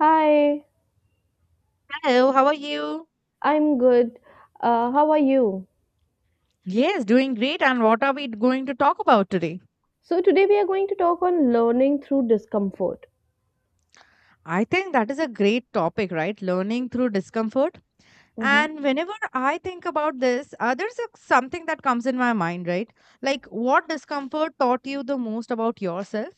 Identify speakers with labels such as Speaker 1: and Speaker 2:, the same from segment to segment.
Speaker 1: Hi,
Speaker 2: Hello, how are you?
Speaker 1: I'm good. How are you?
Speaker 2: Yes, doing great. And what are we going to talk about today?
Speaker 1: So, today we are going to talk on learning through discomfort.
Speaker 2: I think that is a great topic, right? Learning through discomfort.
Speaker 1: Mm-hmm.
Speaker 2: And whenever I think about this, there's something that comes in my mind, right? Like, what discomfort taught you the most about yourself?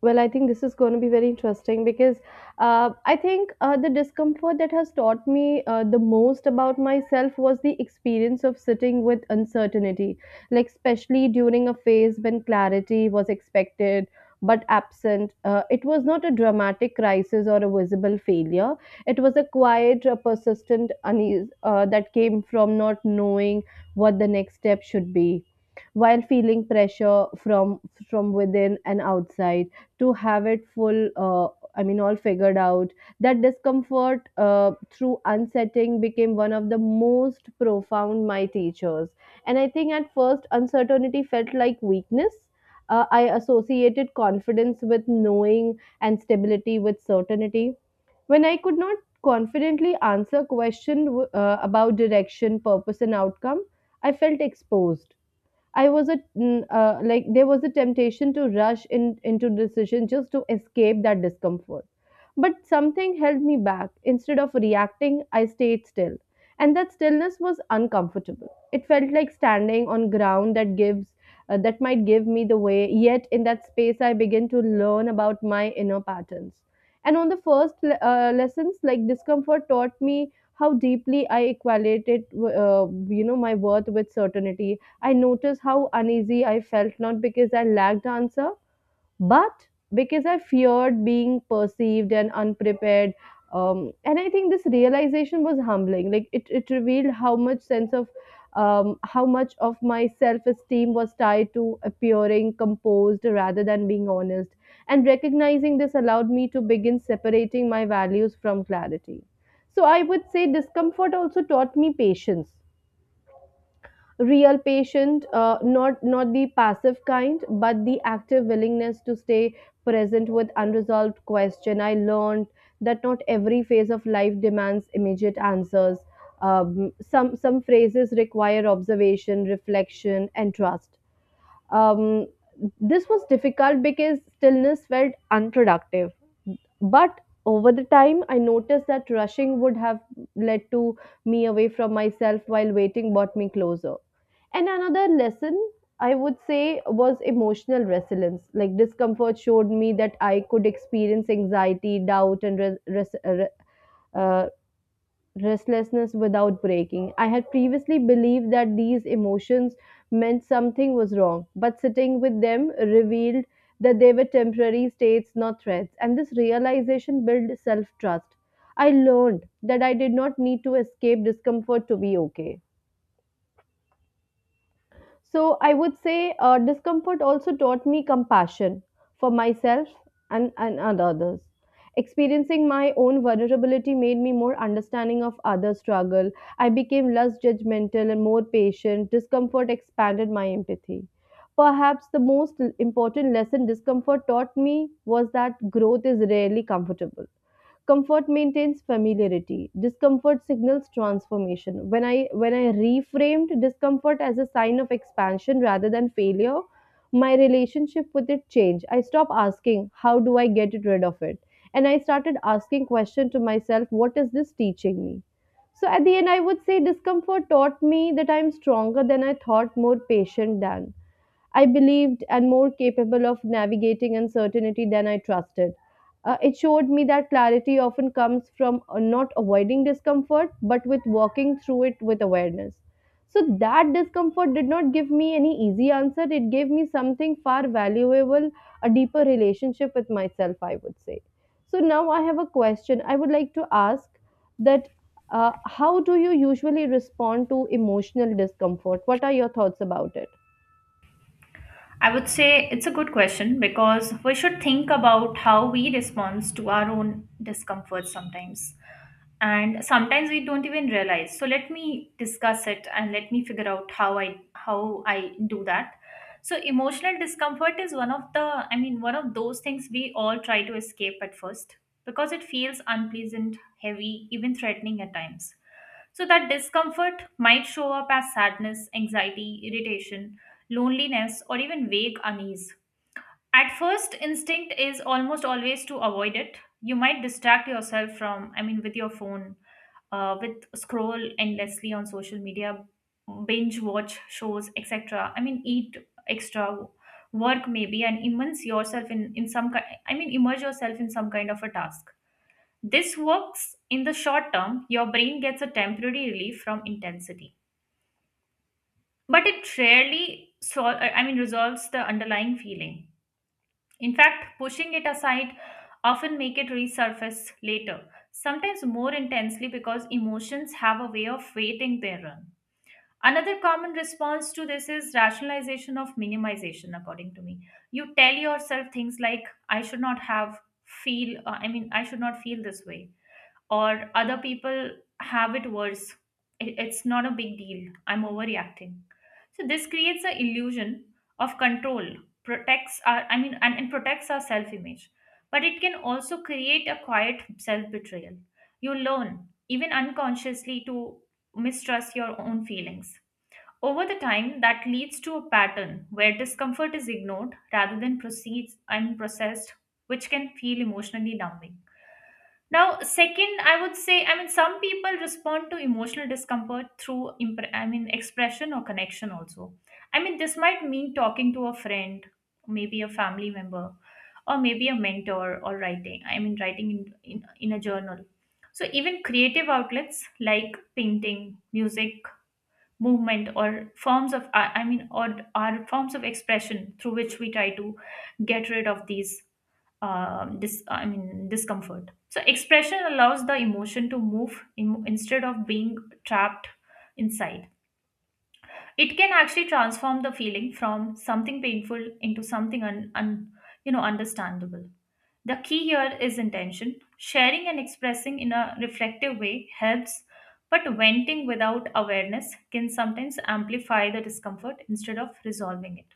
Speaker 1: Well, I think this is going to be very interesting because I think the discomfort that has taught me the most about myself was the experience of sitting with uncertainty, like, especially during a phase when clarity was expected but absent. It was not a dramatic crisis or a visible failure, it was a quiet, persistent unease that came from not knowing what the next step should be while feeling pressure from within and outside to have it full uh, I mean all figured out. That discomfort, through unsetting, became one of the most profound my teachers. And I think at first uncertainty felt like weakness. I associated confidence with knowing and stability with certainty. When I could not confidently answer question about direction, purpose, and outcome, I felt exposed. I was a mm, Like there was a temptation to rush in into decision just to escape that discomfort. But something held me back. Instead of reacting, I stayed still. And that stillness was uncomfortable. It felt like standing on ground that gives that might give me the way. Yet in that space I began to learn about my inner patterns. And on the first lessons, like discomfort taught me how deeply I equated, my worth with certainty. I noticed how uneasy I felt, not because I lacked answer but because I feared being perceived and unprepared. And I think this realization was humbling. Like it revealed how much sense of, how much of my self esteem was tied to appearing composed rather than being honest. And recognizing this allowed me to begin separating my values from clarity. So I would say discomfort also taught me patience, real patient, not the passive kind but the active willingness to stay present with unresolved question. I learned that not every phase of life demands immediate answers. Some phrases require observation, reflection, and trust. um, this was difficult because stillness felt unproductive. But over the time, I noticed that rushing would have led to me away from myself while waiting brought me closer. And another lesson I would say was emotional resilience. Like discomfort showed me that I could experience anxiety, doubt, and res- res- uh, restlessness without breaking. I had previously believed that these emotions meant something was wrong, but sitting with them revealed that they were temporary states, not threats, and this realization built self trust. I learned that I did not need to escape discomfort to be okay. So I would say discomfort also taught me compassion for myself and others. Experiencing my own vulnerability made me more understanding of others' struggle. I became less judgmental and more patient. Discomfort expanded my empathy. Perhaps the most important lesson discomfort taught me was that growth is rarely comfortable. Comfort maintains familiarity. Discomfort signals transformation. When I reframed discomfort as a sign of expansion rather than failure, my relationship with it changed. I stopped asking, how do I get it rid of it? And I started asking question to myself, what is this teaching me? So at the end, I would say discomfort taught me that I'm stronger than I thought, more patient than I believed, and more capable of navigating uncertainty than I trusted. It showed me that clarity often comes from, not avoiding discomfort, but with walking through it with awareness. So, that discomfort did not give me any easy answer. It gave me something far valuable, a deeper relationship with myself, I would say. So, now I have a question I would like to ask that how do you usually respond to emotional discomfort? What are your thoughts about it?
Speaker 3: I would say it's a good question because we should think about how we respond to our own discomfort sometimes. And sometimes we don't even realize. So let me discuss it and let me figure out how I do that. So emotional discomfort is one of the, one of those things we all try to escape at first because it feels unpleasant, heavy, even threatening at times. So that discomfort might show up as sadness, anxiety, irritation, loneliness, or even vague unease. At first, instinct is almost always to avoid it. You might distract yourself with your phone, with scroll endlessly on social media, binge watch shows, etc. Eat extra work maybe and immerse yourself in some kind. Immerse yourself in some kind of a task. This works in the short term. Your brain gets a temporary relief from intensity, but it rarely resolves the underlying feeling. In fact, pushing it aside often make it resurface later, sometimes more intensely because emotions have a way of waiting their run. Another common response to this is rationalization of minimization according to me. You tell yourself things like I should not have feel I mean I should not feel this way, or other people have it worse. It's not a big deal. I'm overreacting. So this creates an illusion of control, protects our, I mean, and protects our self image. But it can also create a quiet self betrayal. You learn, even unconsciously, to mistrust your own feelings. Over the time, that leads to a pattern where discomfort is ignored rather than proceeds and processed, which can feel emotionally numbing. Now, second, I would say, I mean, some people respond to emotional discomfort through expression or connection also. I mean, this might mean talking to a friend, maybe a family member, or maybe a mentor, or writing. I mean, writing in a journal. So, even creative outlets like painting, music, movement, or forms of, I mean, or are forms of expression through which we try to get rid of these discomfort. So expression allows the emotion to instead of being trapped inside. It can actually transform the feeling from something painful into something understandable. The key here is intention. Sharing and expressing in a reflective way helps, but venting without awareness can sometimes amplify the discomfort instead of resolving it.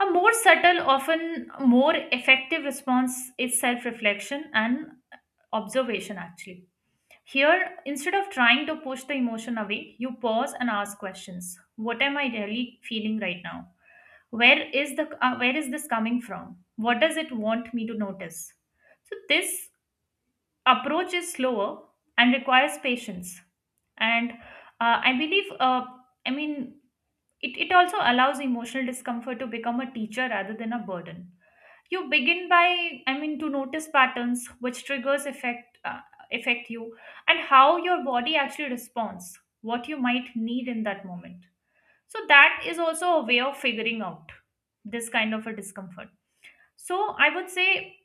Speaker 3: A more subtle, often more effective response is self reflection and observation, actually. Here, instead of trying to push the emotion away, you pause and ask questions. What am I really feeling right now? Where is this coming from? What does it want me to notice? So this approach is slower and requires patience. And I believe, I mean, it, it also allows emotional discomfort to become a teacher rather than a burden. You begin to notice patterns, which triggers affect you, and how your body actually responds, what you might need in that moment. So that is also a way of figuring out this kind of a discomfort. So I would say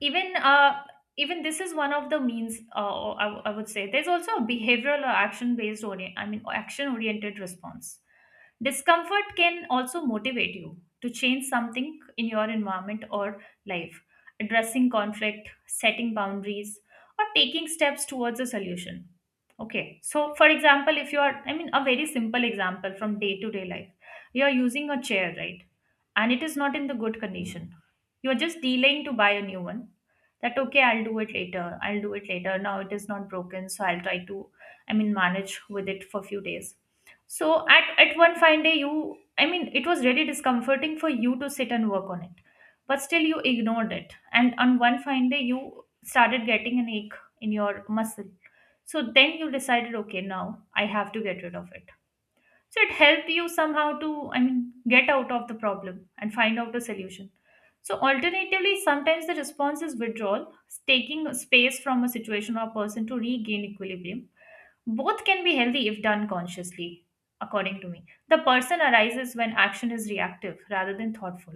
Speaker 3: even uh, even this is one of the means. I would say there's also a behavioral or action based orient I mean action oriented response. Discomfort can also motivate you to change something in your environment or life, addressing conflict, setting boundaries, or taking steps towards a solution. Okay, so for example, if you are, a very simple example from day to day life, you are using a chair, right? And it is not in the good condition. You are just delaying to buy a new one. That okay, I'll do it later, I'll do it later. Now it is not broken, so I'll try to manage with it for few days. So at one fine day, you, it was really discomforting for you to sit and work on it, but still you ignored it. And on one fine day, you started getting an ache in your muscle. So then you decided okay, now I have to get rid of it. So it helped you somehow to get out of the problem and find out a solution. So alternatively, sometimes the response is withdrawal, taking space from a situation or person to regain equilibrium. Both can be healthy if done consciously, according to me. The person arises when action is reactive rather than thoughtful.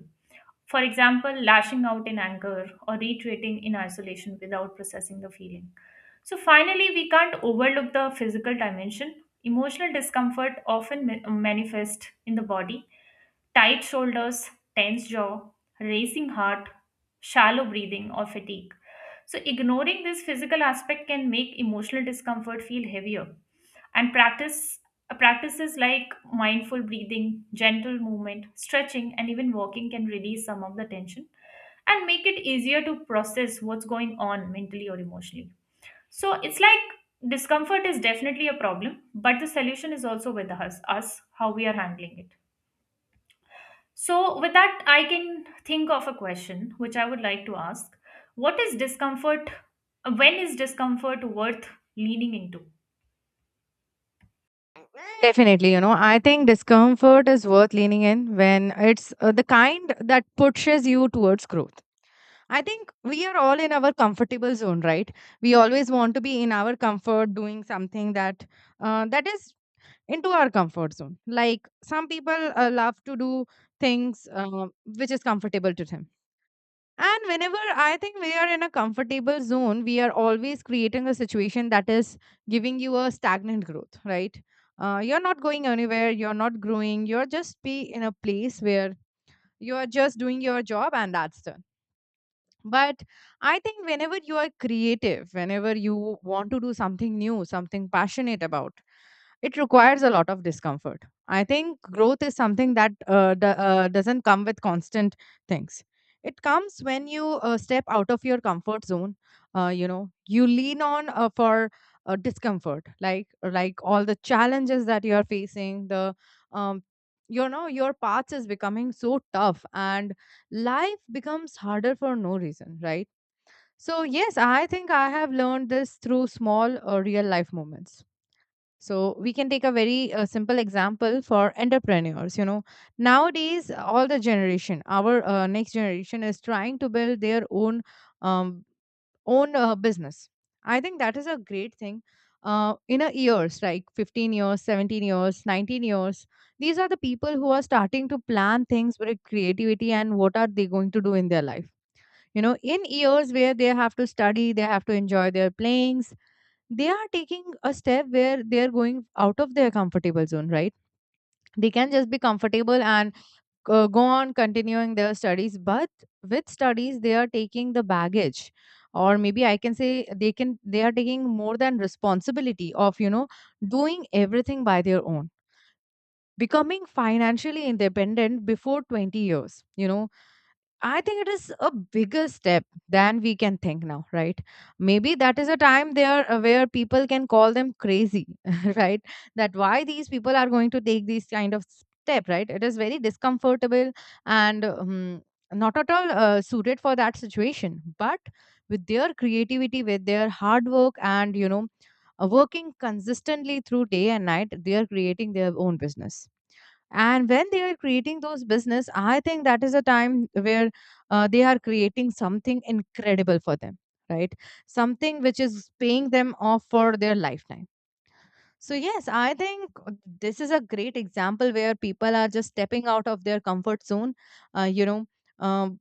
Speaker 3: For example, lashing out in anger or retreating in isolation without processing the feeling. So finally, we can't overlook the physical dimension. Emotional discomfort often manifests in the body. Tight shoulders, tense jaw, racing heart, shallow breathing, or fatigue. So ignoring this physical aspect can make emotional discomfort feel heavier. And practices like mindful breathing, gentle movement, stretching, and even walking can release some of the tension and make it easier to process what's going on mentally or emotionally. So it's like discomfort is definitely a problem, but the solution is also with us, how we are handling it. So with that, I can think of a question which I would like to ask. What is discomfort? When is discomfort worth leaning into?
Speaker 2: Definitely, you know, I think discomfort is worth leaning in when it's the kind that pushes you towards growth. I think we are all in our comfortable zone, right? We always want to be in our comfort, doing something that that is into our comfort zone. Like some people love to do things which is comfortable to them. And whenever I think we are in a comfortable zone, we are always creating a situation that is giving you a stagnant growth, right? You're not going anywhere. You're not growing. You're just be in a place where you are just doing your job, and that's done, but I think whenever you are creative, whenever you want to do something new, something passionate about, it requires a lot of discomfort. I think growth is something that doesn't come with constant things. It comes when you step out of your comfort zone. You know, you lean on for discomfort, like all the challenges that you are facing. The um, you know, your path is becoming so tough, and life becomes harder for no reason, right? So yes, I think I have learned this through small real life moments. So we can take a very simple example for entrepreneurs. You know, nowadays all the generation, our next generation, is trying to build their um, own business. I think that is a great thing. In a years, like 15 years, 17 years, 19 years, these are the people who are starting to plan things with creativity and what are they going to do in their life. You know, in years where they have to study, they have to enjoy their playings, they are taking a step where they are going out of their comfortable zone, right? They can just be comfortable and go on continuing their studies, but with studies they are taking the baggage, or maybe I can say they are taking more than responsibility of, you know, doing everything by their own, becoming financially independent before 20 years, you know. I think it is a bigger step than we can think now, right? Maybe that is a time there where people can call them crazy, right? That why these people are going to take these kind of step, right? It is very discomfortable and not at all suited for that situation. But with their creativity, with their hard work, and you know, working consistently through day and night, they are creating their own business. And when they are creating those business, I think that is a time where they are creating something incredible for them, right? Something which is paying them off for their lifetime. So yes, I think this is a great example where people are just stepping out of their comfort zone. uh, you know um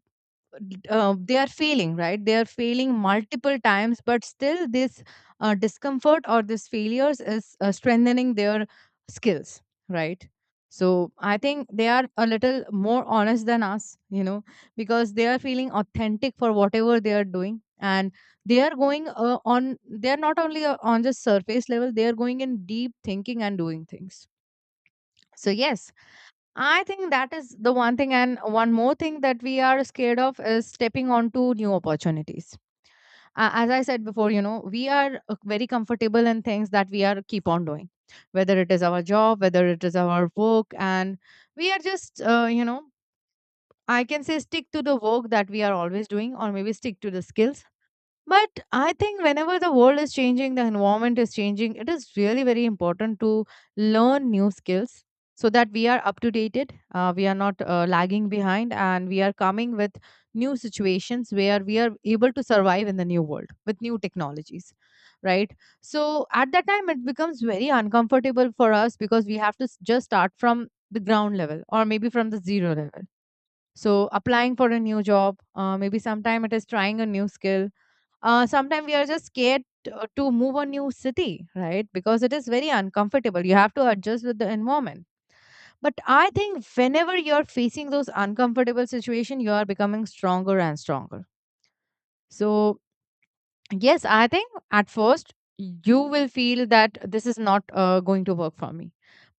Speaker 2: they are failing, right? They are failing multiple times, but still this discomfort or this failures is strengthening their skills, right? So I think they are a little more honest than us, you know, because they are feeling authentic for whatever they are doing, and they are going on, they are not only on the surface level, they are going in deep thinking and doing things. So yes, I think that is the one thing. And one more thing that we are scared of is stepping onto new opportunities. As I said before, you know, we are very comfortable in things that we are keep on doing, whether it is our job, whether it is our work. And we are just, you know, I can say stick to the work that we are always doing, or maybe stick to the skills. But I think whenever the world is changing, the environment is changing, it is really very important to learn new skills so that we are up to date,d we are not lagging behind, and we are coming with new situations where we are able to survive in the new world with new technologies, right? So at that time, it becomes very uncomfortable for us because we have to just start from the ground level or maybe from the zero level. So applying for a new job, maybe sometime it is trying a new skill, sometimes we are just scared to move a new city, right? Because it is very uncomfortable, you have to adjust with the environment. But I think whenever you're facing those uncomfortable situation, you are becoming stronger and stronger. So yes, I think at first you will feel that this is not going to work for me.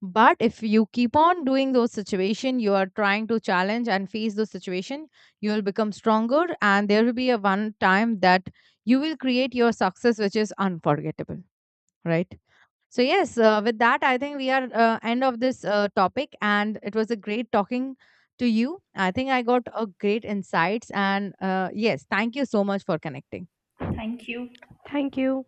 Speaker 2: But if you keep on doing those situation, you are trying to challenge and face those situation, you will become stronger and there will be a one time that you will create your success which is unforgettable, right? So yes, with that I think we are end of this topic and it was a great talking to you. I think I got a great insights and yes, thank you so much for connecting.
Speaker 3: Thank you.
Speaker 1: Thank you.